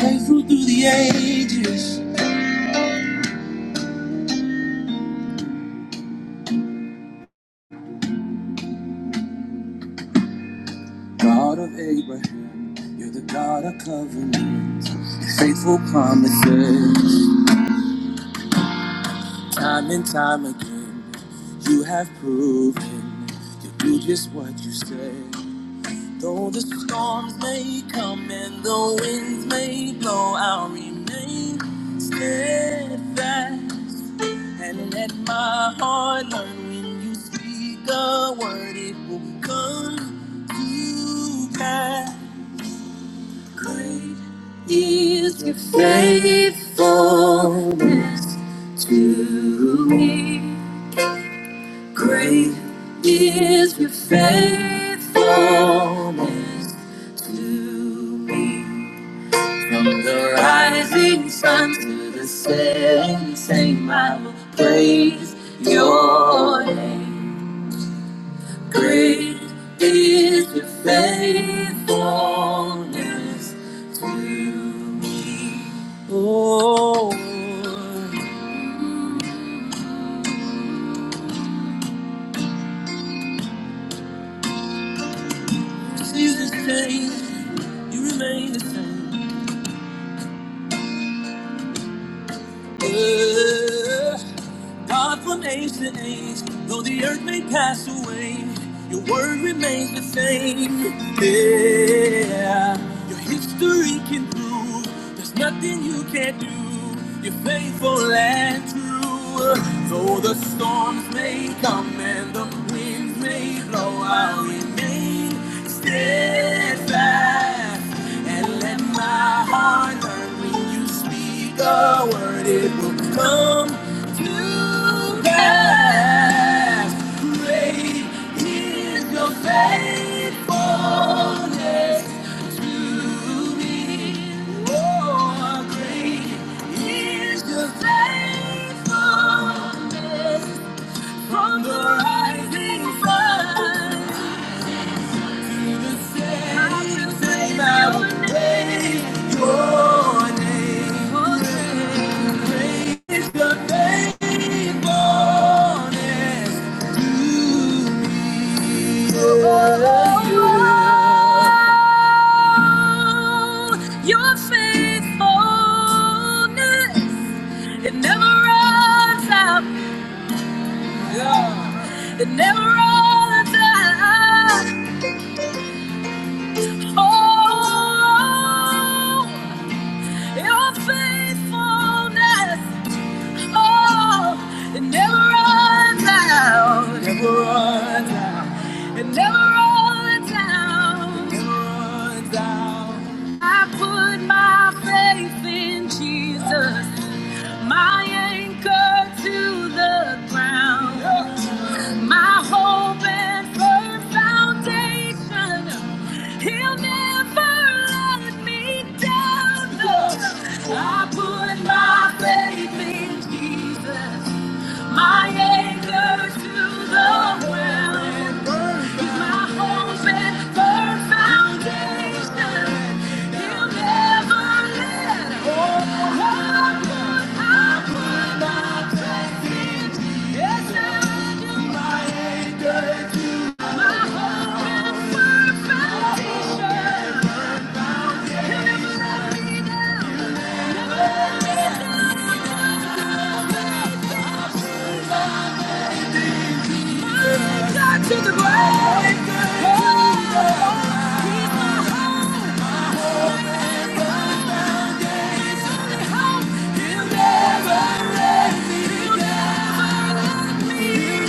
Faithful through the ages, God of Abraham, you're the God of covenants, and faithful promises. Time and time again, you have proven you do just what you say. Though the storms may come and the winds may blow, I'll remain steadfast. And let my heart learn when you speak a word, it will come to pass. Great is your faithfulness to me. Great is your faithfulness to me. From the rising sun to the setting sun, I will praise your name. Great is your faithfulness to me. Oh, You change. You remain the same. God from age to age, though the earth may pass away, your word remains the same. Yeah, your history can prove there's nothing you can't do. You're faithful and true. Though the storms may come and the winds may blow, I'll remain steadfast and let my heart learn when you speak a word, it will come to pass. Great is your faithfulness to me. Oh, great is your faithfulness from the rising sun. Your faithfulness, it never runs out. Yeah. It never runs out. Oh, your faithfulness, oh, it never runs out, never runs out, it never runs out, never runs out. I put my faith in Jesus my anchor to the ground, my hope and firm foundation. He'll never let me down. No, I put my faith in Jesus. My anchor to the well and burn. He's my hope and firm foundation. He'll never let go. Oh, what I put my faith in. Yes, I do. My anchor to my hope and firm foundation. He'll never let me down. My anchor to the ground. Oh, Faithfulness to me,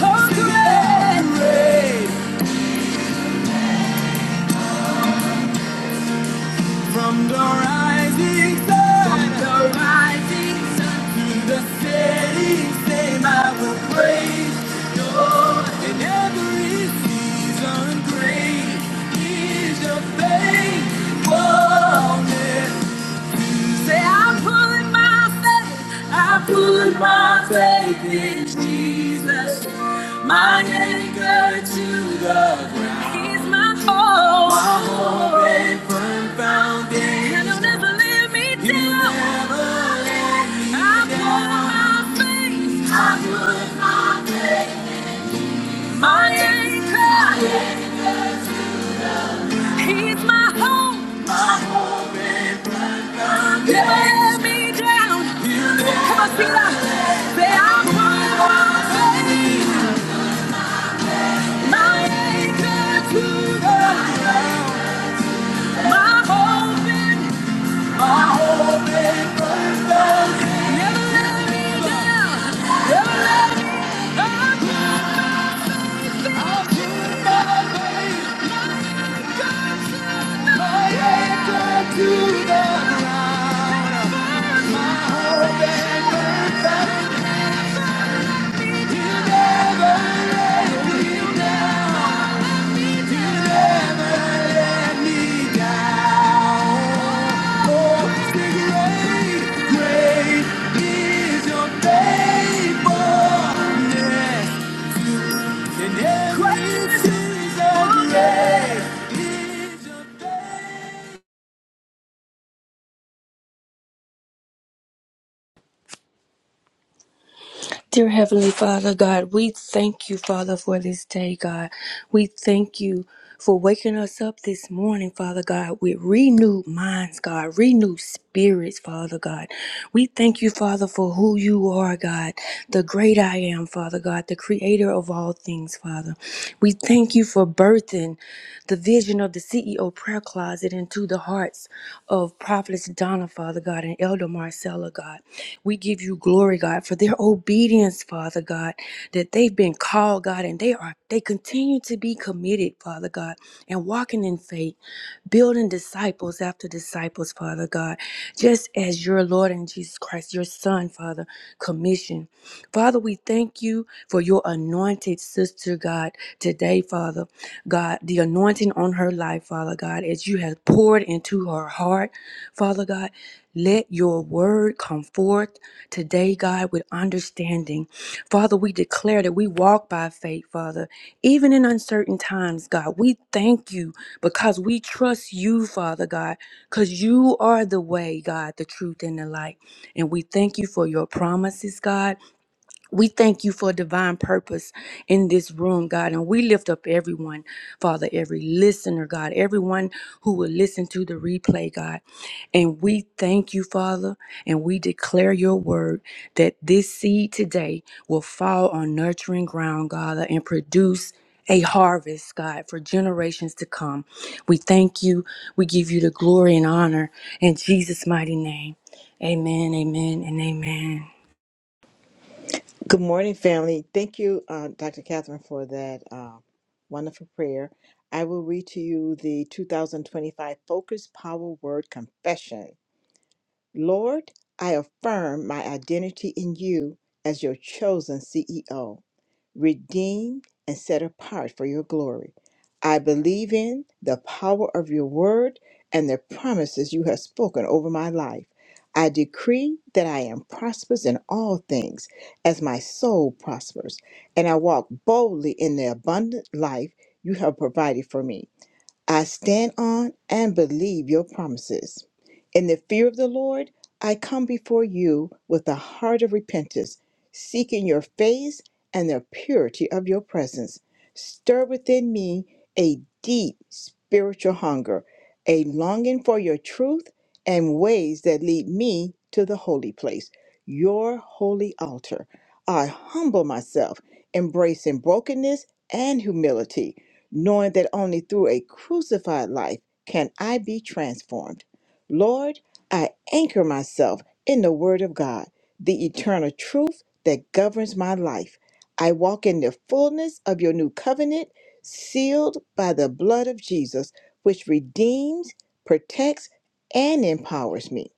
oh, great. great. From the rising sun, from the rising sun to the setting same, I will praise your in every season. Great is your faithfulness. Say, I put my faith, I put my faith in Jesus, my anchor to the ground. He's my hope, my hope and firm foundation. And he'll never let me down. He'll never let me down. I put my faith, I put my faith, my anchor. He's my hope, my hope. To the ground, I'll You never, Great is your grace. Dear Heavenly Father, God, we thank you, Father, for this day, God. We thank you for waking us up this morning, Father God, with renewed minds, God, renewed spirits, Father God. We thank you, Father, for who you are, God, the great I am, Father God, the creator of all things, Father. We thank you for birthing the vision of the CEO prayer closet into the hearts of Prophetess Donna, Father God, and Elder Marcella, God. We give you glory, God, for their obedience, Father God, that they've been called, God, and they are they continue to be committed, Father God, and walking in faith, building disciples after disciples, Father God, just as your Lord and Jesus Christ, your Son, Father, commissioned. Father, we thank you for your anointed sister, God, today, Father. God, the anointing on her life, Father God, as you have poured into her heart, Father God. Let your word come forth today, God, with understanding. Father, we declare that we walk by faith, Father, even in uncertain times, God. We thank you because we trust you, Father God, because you are the way, God, the truth, and the light. And we thank you for your promises, God. We thank you for divine purpose in this room, God. And we lift up everyone, Father, every listener, God, everyone who will listen to the replay, God. And we thank you, Father, and we declare your word that this seed today will fall on nurturing ground, God, and produce. A harvest, God, for generations to come. We thank you. We give you the glory and honor in Jesus' mighty name. Amen, amen, and amen. Good morning, family. Thank you, uh, Dr. Catherine, for that uh, wonderful prayer. I will read to you the 2025 Focus Power Word Confession. Lord, I affirm my identity in you as your chosen CEO redeemed, and set apart for your glory. I believe in the power of your word and the promises you have spoken over my life. I decree that I am prosperous in all things as my soul prospers, and I walk boldly in the abundant life you have provided for me. I stand on and believe your promises. In the fear of the Lord, I come before you with a heart of repentance, seeking your face and the purity of your presence. Stir within me a deep spiritual hunger, a longing for your truth and ways that lead me to the holy place, your holy altar. I humble myself, embracing brokenness and humility knowing that only through a crucified life can I be transformed. Lord, I anchor myself in the Word of God, the eternal truth that governs my life. I walk in the fullness of your new covenant, sealed by the blood of Jesus, which redeems, protects, and empowers me.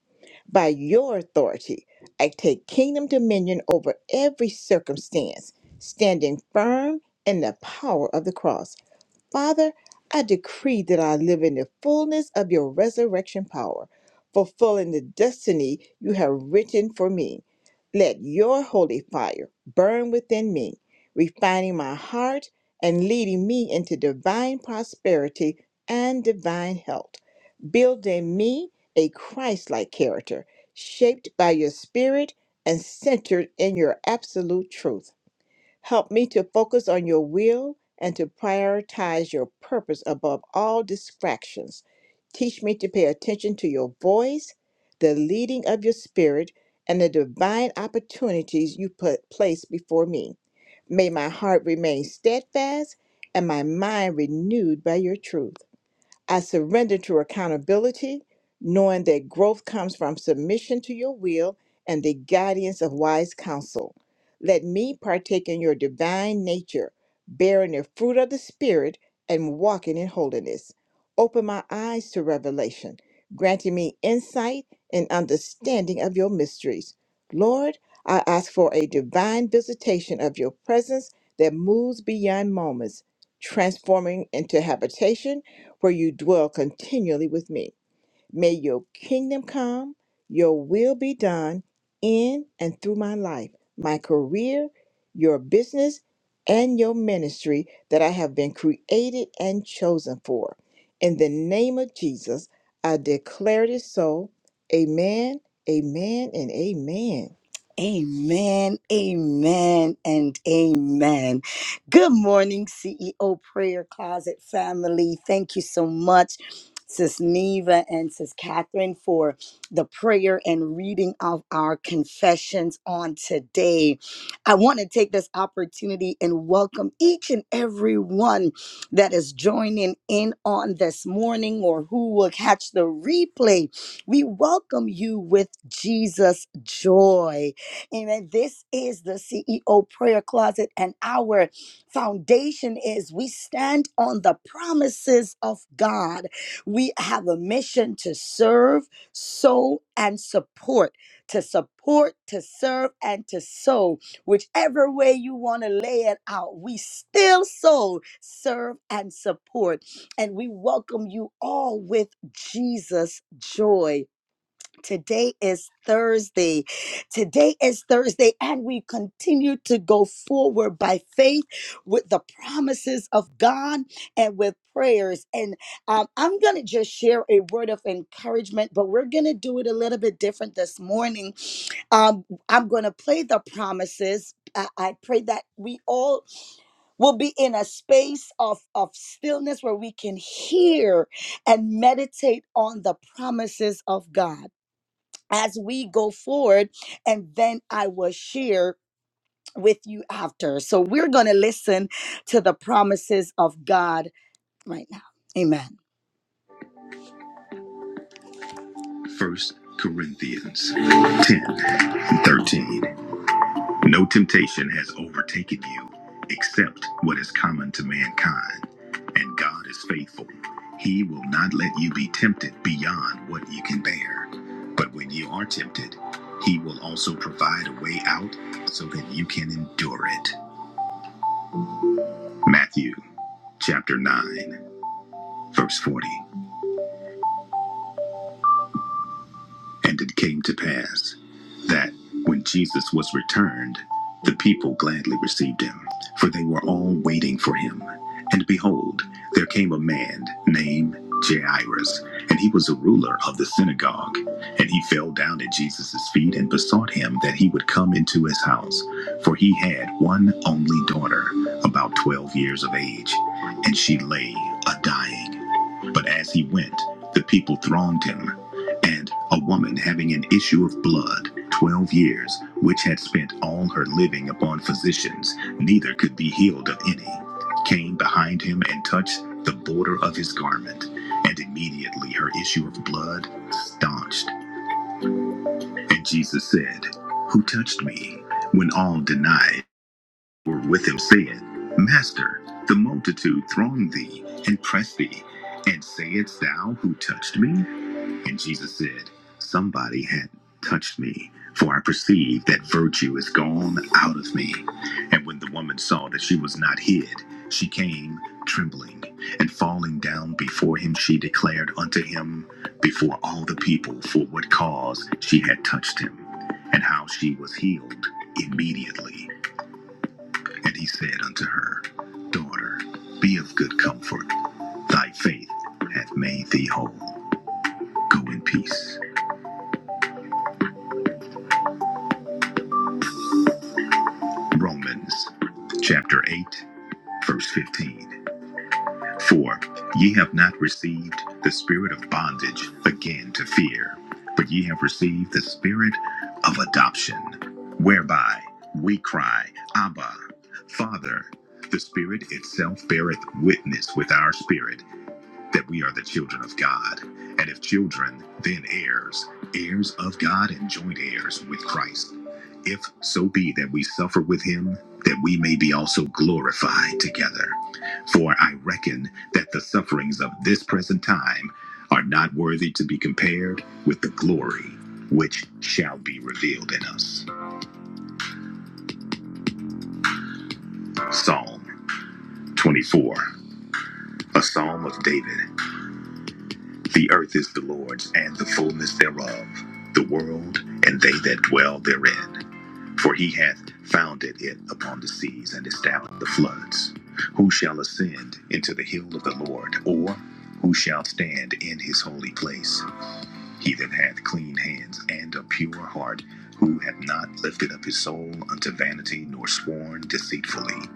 By your authority, I take kingdom dominion over every circumstance, standing firm in the power of the cross. Father, I decree that I live in the fullness of your resurrection power, fulfilling the destiny you have written for me. Let your holy fire burn within me, refining my heart and leading me into divine prosperity and divine health, building me a Christ like character, shaped by your spirit and centered in your absolute truth. Help me to focus on your will and to prioritize your purpose above all distractions. Teach me to pay attention to your voice, the leading of your spirit, and the divine opportunities you put place before me. May my heart remain steadfast and my mind renewed by your truth. I surrender to accountability, knowing that growth comes from submission to your will and the guidance of wise counsel. Let me partake in your divine nature, bearing the fruit of the Spirit and walking in holiness. Open my eyes to revelation, granting me insight and understanding of your mysteries. Lord, I ask for a divine visitation of your presence that moves beyond moments, transforming into habitation for you dwell continually with me. May your kingdom come, your will be done in and through my life, my career, your business, and your ministry that I have been created and chosen for. In the name of Jesus, I declare it so. Amen, amen, and amen. Amen, amen, and amen. Good morning, CEO Prayer Closet family. Thank you so much, Sis Neva and Sis Catherine, for the prayer and reading of our confessions on today. I want to take this opportunity and welcome each and every one that is joining in on this morning or who will catch the replay. We welcome you with Jesus' joy. Amen. This is the CEO prayer closet, and our foundation is we stand on the promises of God. We have a mission to serve, sow, and support, to support, to serve, and to sow. Whichever way you want to lay it out, we still sow, serve, and support. And we welcome you all with Jesus' joy. Today is Thursday. Today is Thursday, and we continue to go forward by faith with the promises of God and with prayers. And um, I'm going to just share a word of encouragement, but we're going to do it a little bit different this morning. Um, I'm going to play the promises. I, I pray that we all will be in a space of, of stillness where we can hear and meditate on the promises of God as we go forward, and then I will share with you after. So we're going to listen to the promises of God right now. Amen. First Corinthians 10 and 13. No temptation has overtaken you except what is common to mankind. And God is faithful. He will not let you be tempted beyond what you can bear. But when you are tempted, He will also provide a way out so that you can endure it. Matthew chapter 9, verse 40. And it came to pass that when Jesus was returned, the people gladly received him, for they were all waiting for him. And behold, there came a man named Jairus, and he was a ruler of the synagogue. And he fell down at Jesus' feet and besought him that he would come into his house, for he had one only daughter, about twelve years of age, and she lay a dying. But as he went, the people thronged him, and a woman having an issue of blood, twelve years, which had spent all her living upon physicians, neither could be healed of any, came behind him and touched the border of his garment, and immediately her issue of blood staunched. And Jesus said, Who touched me? When all denied, were with him, saying, Master, the multitude throng thee and press thee, and sayest thou who touched me? And Jesus said, Somebody had touched me, for I perceive that virtue is gone out of me. And when the woman saw that she was not hid, she came trembling, and falling down before him, she declared unto him before all the people for what cause she had touched him, and how she was healed immediately. And he said unto her, Daughter, be of good comfort. Thy faith hath made thee whole. Go in peace. Romans chapter 8, verse 15. For ye have not received the spirit of bondage again to fear, but ye have received the spirit of adoption, whereby we cry, Abba, Father. The Spirit itself beareth witness with our spirit that we are the children of God, and if children, then heirs, heirs of God and joint heirs with Christ. If so be that we suffer with him, that we may be also glorified together. For I reckon that the sufferings of this present time are not worthy to be compared with the glory which shall be revealed in us. Psalm 24, a psalm of David. The earth is the Lord's and the fullness thereof, the world and they that dwell therein. For he hath founded it upon the seas and established the floods. Who shall ascend into the hill of the Lord, or who shall stand in his holy place? He that hath clean hands and a pure heart, who hath not lifted up his soul unto vanity nor sworn deceitfully.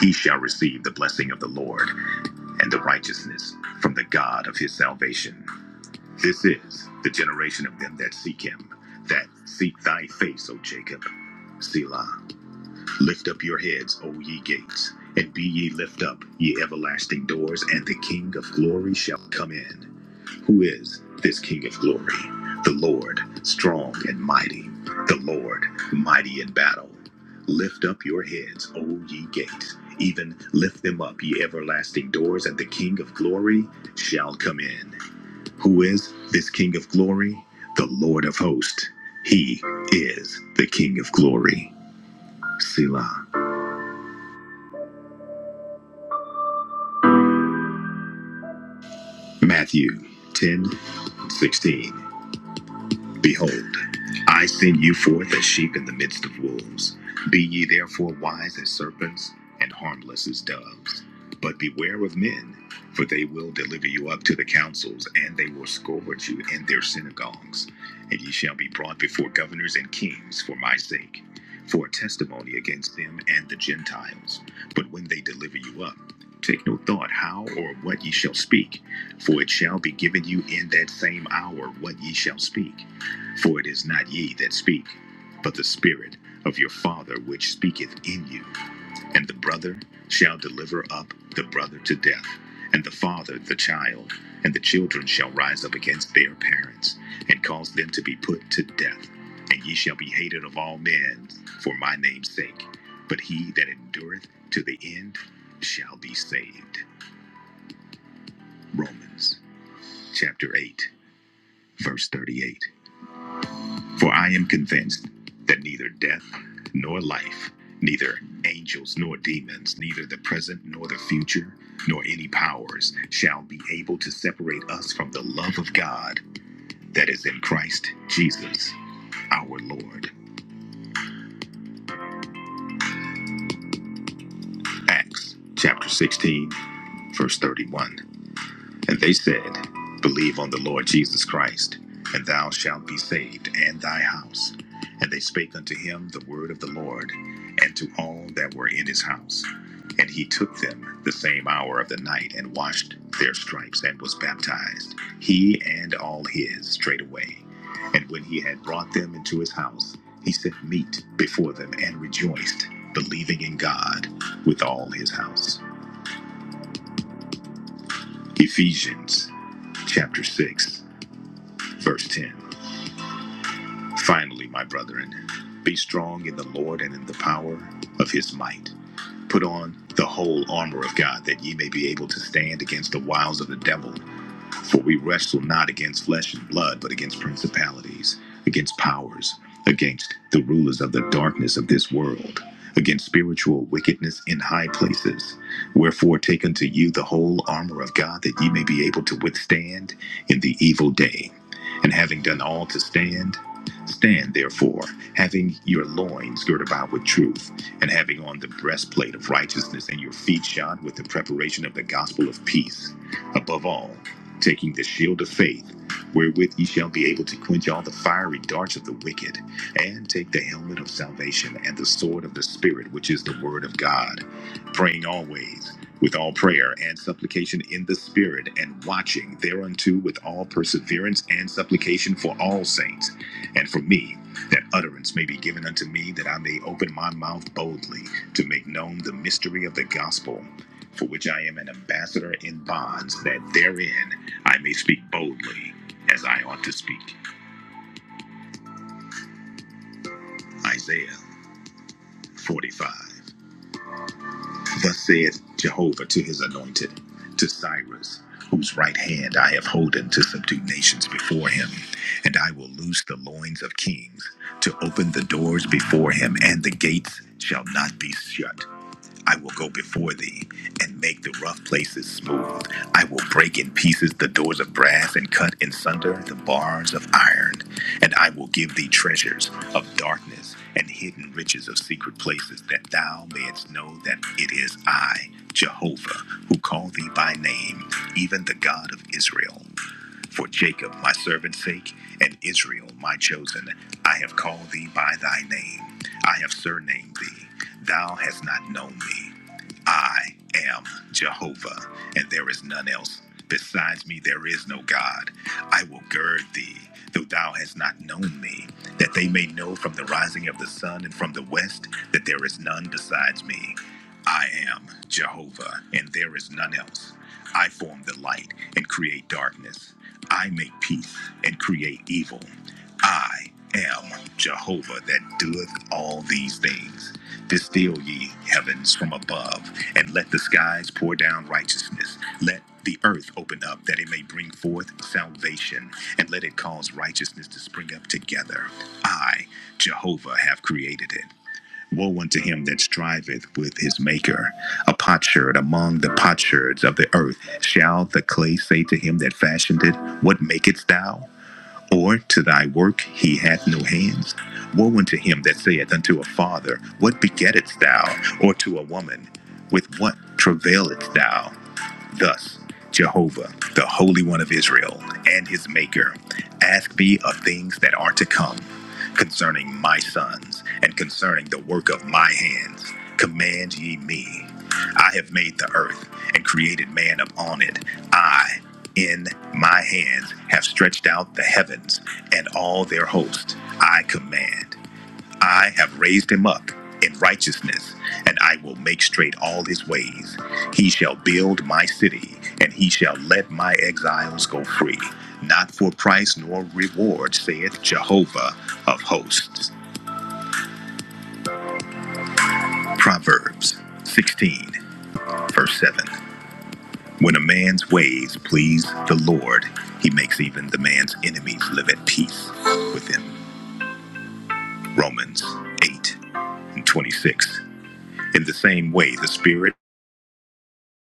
He shall receive the blessing of the Lord and the righteousness from the God of his salvation. This is the generation of them that seek him, that seek thy face, O Jacob. Selah, lift up your heads, O ye gates, and be ye lift up, ye everlasting doors, and the King of glory shall come in. Who is this King of glory? The Lord, strong and mighty, the Lord, mighty in battle. Lift up your heads, O ye gates, even lift them up, ye everlasting doors, and the King of glory shall come in. Who is this King of glory? The Lord of hosts. He is the King of glory. Selah. Matthew 10:16. Behold, I send you forth as sheep in the midst of wolves. Be ye therefore wise as serpents and harmless as doves. But beware of men, for they will deliver you up to the councils, and they will scourge you in their synagogues. And ye shall be brought before governors and kings for my sake, for a testimony against them and the Gentiles. But when they deliver you up, take no thought how or what ye shall speak, for it shall be given you in that same hour what ye shall speak. For it is not ye that speak, but the Spirit of your Father which speaketh in you. And the brother shall deliver up the brother to death, and the father the child, and the children shall rise up against their parents, and cause them to be put to death. And ye shall be hated of all men for my name's sake, but he that endureth to the end shall be saved. Romans chapter 8, verse 38. For I am convinced that neither death nor life, neither angels nor demons, neither the present nor the future, nor any powers shall be able to separate us from the love of God that is in Christ Jesus our Lord. Acts chapter 16, verse 31. And they said, Believe on the Lord Jesus Christ, and thou shalt be saved, and thy house. And they spake unto him the word of the Lord, and to all that were in his house. And he took them the same hour of the night, and washed their stripes, and was baptized, he and all his, straightway. And when he had brought them into his house, he set meat before them, and rejoiced, believing in God with all his house. Ephesians chapter 6. Verse 10 Finally, my brethren, be strong in the Lord and in the power of his might. Put on the whole armor of God, that ye may be able to stand against the wiles of the devil. For we wrestle not against flesh and blood, but against principalities, against powers, against the rulers of the darkness of this world, against spiritual wickedness in high places. Wherefore, take unto you the whole armor of God, that ye may be able to withstand in the evil day. And having done all to stand, stand therefore, having your loins girt about with truth, and having on the breastplate of righteousness, and your feet shod with the preparation of the gospel of peace. Above all, taking the shield of faith, wherewith ye shall be able to quench all the fiery darts of the wicked, and take the helmet of salvation and the sword of the Spirit, which is the word of God, praying always. With all prayer and supplication in the Spirit, and watching thereunto with all perseverance and supplication for all saints, and for me, that utterance may be given unto me, that I may open my mouth boldly to make known the mystery of the gospel for which I am an ambassador in bonds, that therein I may speak boldly as I ought to speak. Isaiah 45. Thus saith Jehovah to his anointed, to Cyrus, whose right hand I have holden to subdue nations before him, and I will loose the loins of kings, to open the doors before him, and the gates shall not be shut. I will go before thee and make the rough places smooth. I will break in pieces the doors of brass and cut in sunder the bars of iron. And I will give thee treasures of darkness and hidden riches of secret places, that thou mayest know that it is I, Jehovah, who call thee by name, even the God of Israel. For Jacob, my servant's sake, and Israel, my chosen, I have called thee by thy name. I have surnamed thee. Thou hast not known me. I am Jehovah, and there is none else. Besides me, there is no God. I will gird thee, though thou hast not known me, that they may know from the rising of the sun and from the west that there is none besides me. I am Jehovah, and there is none else. I form the light and create darkness. I make peace and create evil. I am Jehovah that doeth all these things. Distill ye heavens from above, and let the skies pour down righteousness. Let the earth open up that it may bring forth salvation, and let it cause righteousness to spring up together. I, Jehovah, have created it. Woe unto him that striveth with his maker. A potsherd among the potsherds of the earth. Shall the clay say to him that fashioned it, What makest thou? Or to thy work he hath no hands. Woe unto him that saith unto a father, What begettest thou? Or to a woman, With what travailest thou? Thus, Jehovah, the Holy One of Israel, and his Maker, ask me of things that are to come, concerning my sons, and concerning the work of my hands. Command ye me. I have made the earth, and created man upon it. I, in my hands, have stretched out the heavens, and all their host I command. I have raised him up in righteousness, and I will make straight all his ways. He shall build my city, and he shall let my exiles go free. Not for price nor reward, saith Jehovah of hosts. Proverbs 16, verse 7. When a man's ways please the Lord, he makes even the man's enemies live at peace with him. Romans 8 and 26. In the same way, the Spirit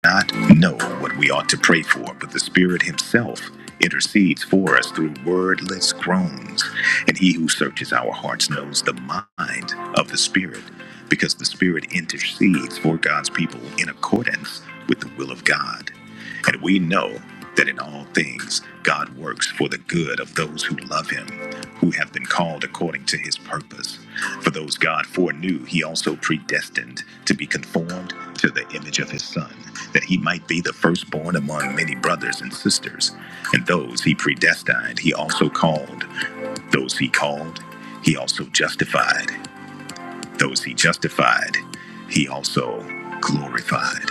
not know what we ought to pray for, but the Spirit Himself intercedes for us through wordless groans. And He who searches our hearts knows the mind of the Spirit, because the Spirit intercedes for God's people in accordance with the will of God. And we know that in all things, God works for the good of those who love him, who have been called according to his purpose. For those God foreknew, he also predestined to be conformed to the image of his son, that he might be the firstborn among many brothers and sisters. And those he predestined, he also called. Those he called, he also justified. Those he justified, he also glorified.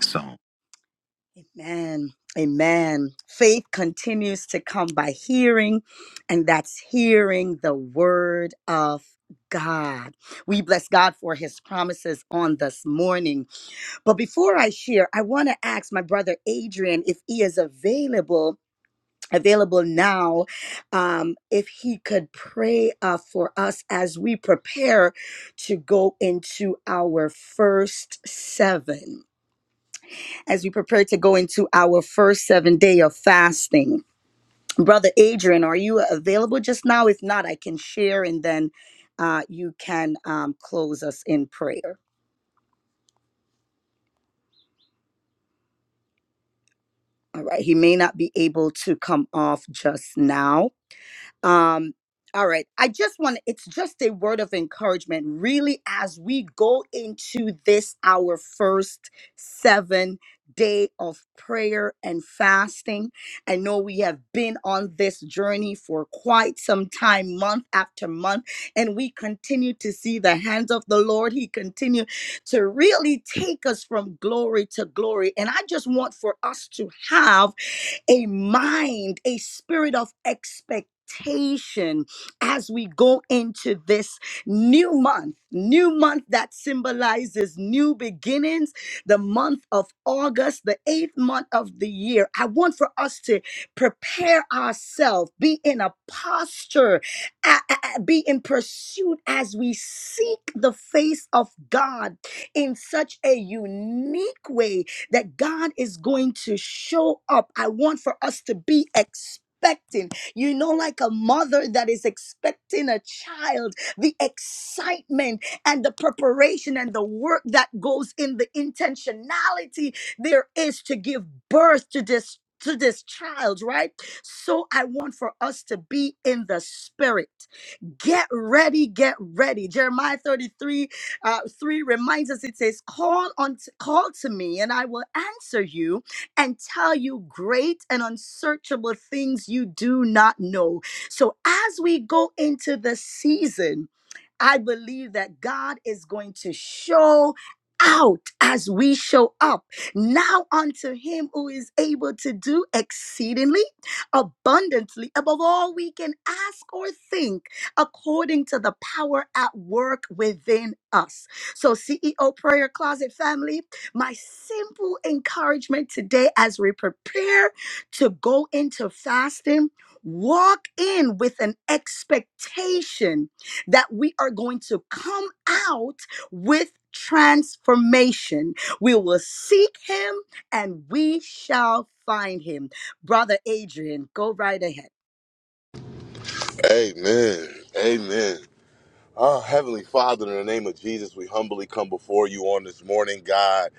Psalm Amen. Amen. Faith continues to come by hearing, and that's hearing the word of God. We bless God for his promises on this morning. But before I share, I want to ask my brother Adrian if he is available. Available now, um, if he could pray uh, for us as we prepare to go into our first seven as we prepare to go into our first seven day of fasting. Brother Adrian, are you available just now? If not, I can share and then uh, you can um, close us in prayer. All right. He may not be able to come off just now. Um, all right. I just want it's just a word of encouragement, really, as we go into this our first seven day of prayer and fasting. I know we have been on this journey for quite some time, month after month, and we continue to see the hands of the Lord. He continue to really take us from glory to glory. And I just want for us to have a mind, a spirit of expectation as we go into this new month, new month that symbolizes new beginnings, the month of August, the eighth month of the year. I want for us to prepare ourselves, be in a posture, a- a- a- be in pursuit as we seek the face of God in such a unique way that God is going to show up. I want for us to be expecting, you know, like a mother that is expecting a child, the excitement and the preparation and the work that goes in the intentionality there is to give birth to this to this child, right? So I want for us to be in the spirit. Get ready, get ready. Jeremiah 33 uh, 3 reminds us it says, call on call to me, and I will answer you and tell you great and unsearchable things you do not know. So as we go into the season, I believe that God is going to show out as we show up now unto him who is able to do exceedingly abundantly above all we can ask or think according to the power at work within us. So, CEO Prayer Closet family, my simple encouragement today as we prepare to go into fasting, walk in with an expectation that we are going to come out with transformation. We will seek him and we shall find him. Brother Adrian, go right ahead. Amen. Amen. Oh, Heavenly Father, in the name of Jesus, we humbly come before you on this morning, God.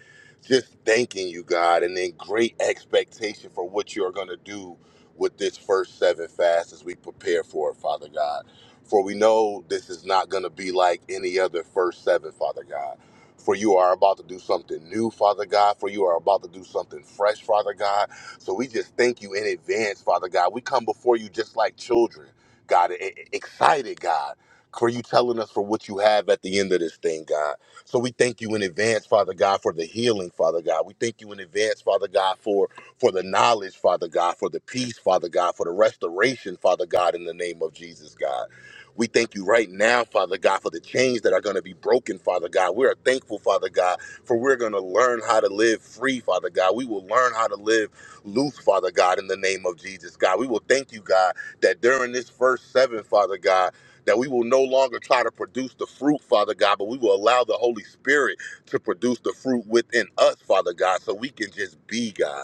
Just thanking you, God, and in great expectation for what you are going to do with this first seven fast as we prepare for it, Father God. For we know this is not going to be like any other first seven, Father God. For you are about to do something new, Father God. For you are about to do something fresh, Father God. So we just thank you in advance, Father God. We come before you just like children, God, e- e- excited, God for you telling us for what you have at the end of this thing, God. So we thank you in advance, Father God, for the healing, Father God. We thank you in advance, Father God, for for the knowledge, Father God, for the peace, Father God, for the restoration, Father God, in the name of Jesus, God. We thank you right now, Father God, for the chains that are going to be broken, Father God. We are thankful, Father God, for we're going to learn how to live free, Father God. We will learn how to live loose, Father God, in the name of Jesus, God. We will thank you, God, that during this first seven, Father God, that we will no longer try to produce the fruit, Father God, but we will allow the Holy Spirit to produce the fruit within us, Father God, so we can just be God.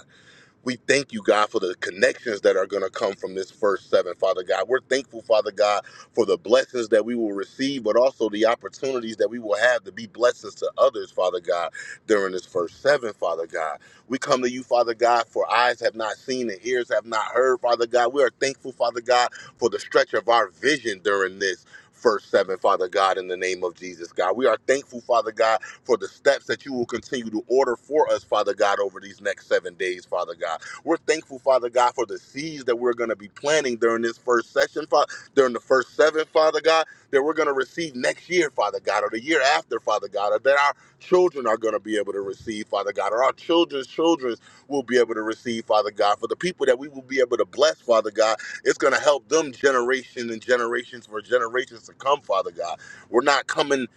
We thank you, God, for the connections that are going to come from this first seven, Father God. We're thankful, Father God, for the blessings that we will receive, but also the opportunities that we will have to be blessings to others, Father God, during this first seven, Father God. We come to you, Father God, for eyes have not seen and ears have not heard, Father God. We are thankful, Father God, for the stretch of our vision during this. First seven, Father God, in the name of Jesus, God. We are thankful, Father God, for the steps that you will continue to order for us, Father God, over these next seven days, Father God. We're thankful, Father God, for the seeds that we're going to be planting during this first session, Father, during the first seven, Father God, that we're going to receive next year, Father God, or the year after, Father God, or that our children are going to be able to receive, Father God, or our children's children will be able to receive, Father God, for the people that we will be able to bless, Father God, it's going to help them generation and generations for generations to come, Father God. We're not coming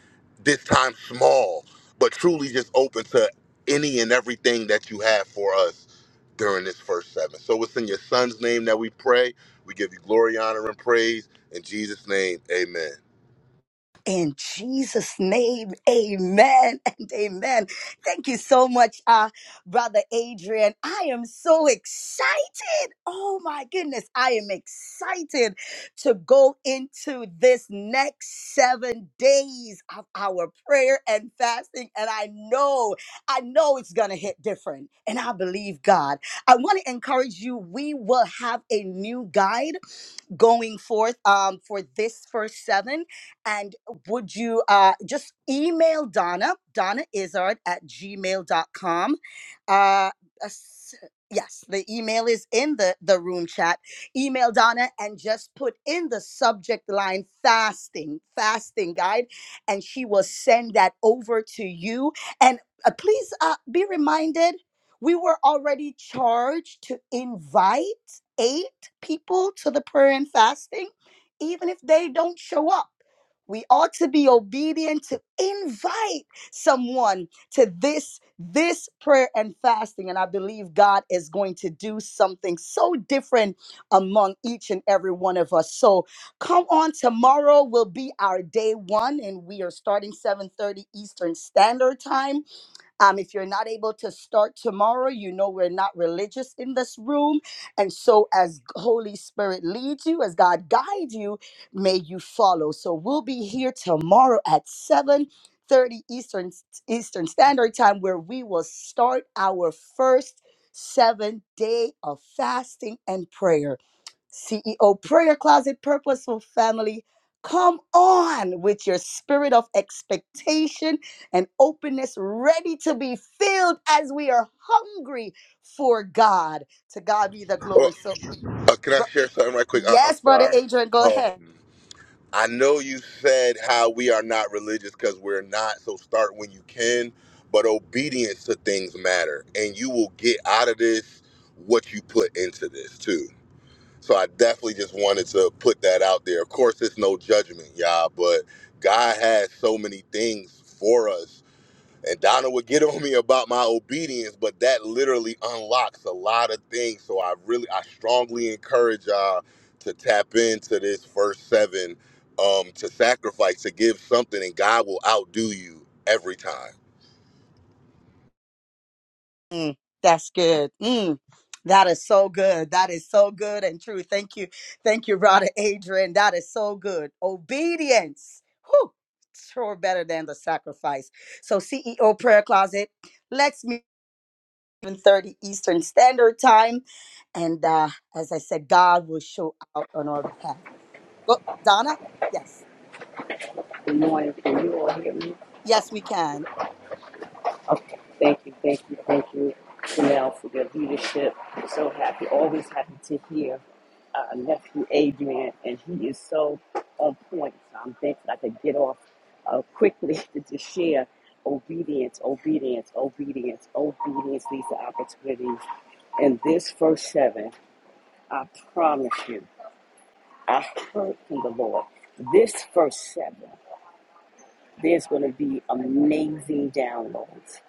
this time small but truly just open to any and everything that you have for us during this first seven. So it's in your son's name that we pray. We give you glory, honor, and praise. In Jesus' name, amen. In Jesus' name, amen and amen. Thank you so much, uh, Brother Adrian. I am so excited. Oh my goodness, I am excited to go into this next seven days of our prayer and fasting. And I know, I know it's going to hit different. And I believe God. I want to encourage you, we will have a new guide going forth um, for this first seven. And would you uh, just email Donna, Donna Izard at gmail.com. Uh, as- yes, the email is in the, the room chat. Email Donna and just put in the subject line fasting, fasting guide, and she will send that over to you. And uh, please uh, be reminded we were already charged to invite eight people to the prayer and fasting, even if they don't show up. We ought to be obedient to invite someone to this this prayer and fasting and I believe God is going to do something so different among each and every one of us. So come on tomorrow will be our day 1 and we are starting 7:30 Eastern Standard Time um, if you're not able to start tomorrow, you know we're not religious in this room. And so, as Holy Spirit leads you, as God guides you, may you follow. So, we'll be here tomorrow at 7 30 Eastern, Eastern Standard Time, where we will start our first seven day of fasting and prayer. CEO Prayer Closet Purposeful Family. Come on with your spirit of expectation and openness, ready to be filled as we are hungry for God. To God be the Well, glory. So, uh, can I bro- share something right quick? I- I'm yes, Brother sorry. Adrian, go ahead. Um, I know you said how we are not religious because we're not, so start when you can, but obedience to things matter. And you will get out of this what you put into this, too. So I definitely just wanted to put that out there. Of course, it's no judgment, y'all, but God has so many things for us. And Donna would get on me about my obedience, but that literally unlocks a lot of things. So I really, I strongly encourage y'all to tap into this first seven, um, to sacrifice, to give something, and God will outdo you every time. Mm, that's good. Mm, that is so good. That is so good and true. Thank you. Thank you, Brother Adrian. That is so good. Obedience. Whew, sure better than the sacrifice. So, CEO Prayer Closet, let's meet at 30 Eastern Standard Time. And uh, as I said, God will show out on our behalf. Go, Donna? Yes. Good morning. Can you all hear me? Yes, we can. Okay. Thank you, thank you, thank you, Chanel, for your leadership. So happy, always happy to hear uh, nephew Adrian, and he is so on point. So I'm thankful I could get off uh, quickly to just share obedience, obedience, obedience, obedience leads to opportunities. And this first seven, I promise you, I heard from the Lord. This first seven, there's going to be amazing downloads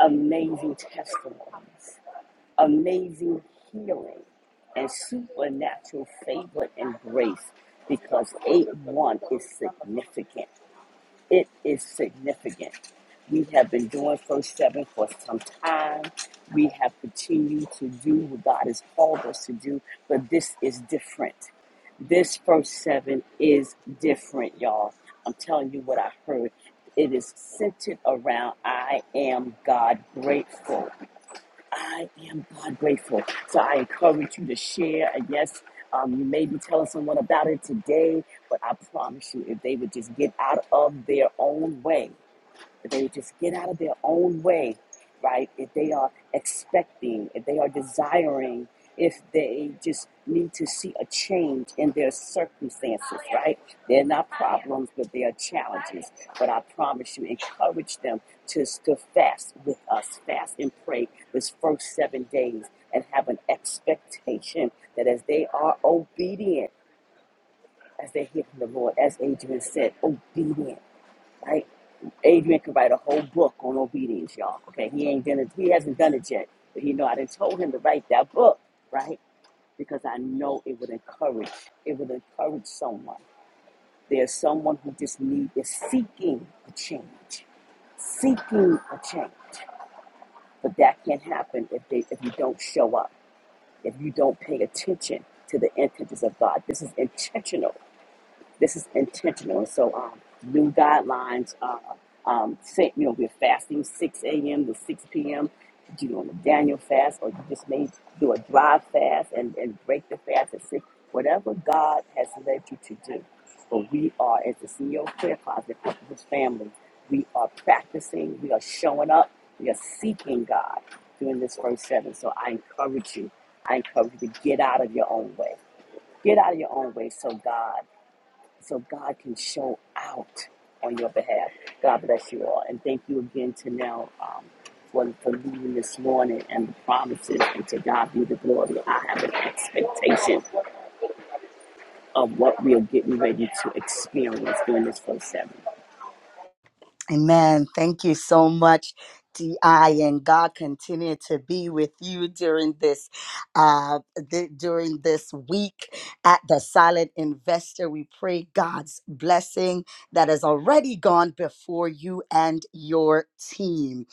amazing testimonies, amazing healing, and supernatural favor and grace because 8 1 is significant. It is significant. We have been doing First Seven for some time. We have continued to do what God has called us to do, but this is different. This First Seven is different, y'all. I'm telling you what I heard. It is centered around I am God grateful. I am God grateful. So I encourage you to share. And yes, um, you may be telling someone about it today, but I promise you, if they would just get out of their own way if they just get out of their own way, right? If they are expecting, if they are desiring, if they just need to see a change in their circumstances, right? They're not problems, but they are challenges. But I promise you, encourage them to, to fast with us, fast and pray this first seven days, and have an expectation that as they are obedient, as they hear from the Lord, as Adrian said, obedient, right? Adrian could write a whole book on obedience, y'all. Okay, he ain't done it. He hasn't done it yet, but he know I did told him to write that book, right? Because I know it would encourage. It would encourage someone. There's someone who just need is seeking a change, seeking a change. But that can't happen if they if you don't show up, if you don't pay attention to the intentions of God. This is intentional this is intentional. So um, new guidelines. Uh, um, say, you know, we're fasting 6 a.m. to 6 p.m. Do you want a Daniel fast, or you just may do a dry fast and, and break the fast at six? Whatever God has led you to do. But we are, as the CEO of Prayer Closet Purpose Family, we are practicing, we are showing up, we are seeking God during this first seven. So I encourage you, I encourage you to get out of your own way. Get out of your own way so God so God can show out on your behalf. God bless you all, and thank you again to Nell um, for for leading this morning and the promises. And to God be the glory. I have an expectation of what we are getting ready to experience during this first seven. Amen. Thank you so much, DI, and God continue to be with you during this, uh, th- during this week at the Silent Investor. We pray God's blessing that has already gone before you and your team.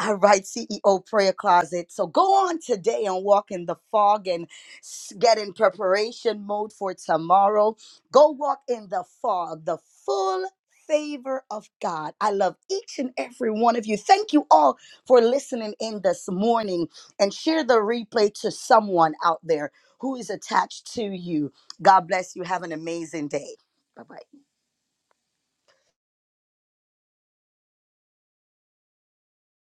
All right, CEO Prayer Closet. So go on today and walk in the fog and s- get in preparation mode for tomorrow. Go walk in the fog, the full favor of God. I love each and every one of you. Thank you all for listening in this morning and share the replay to someone out there who is attached to you. God bless you. Have an amazing day. Bye bye.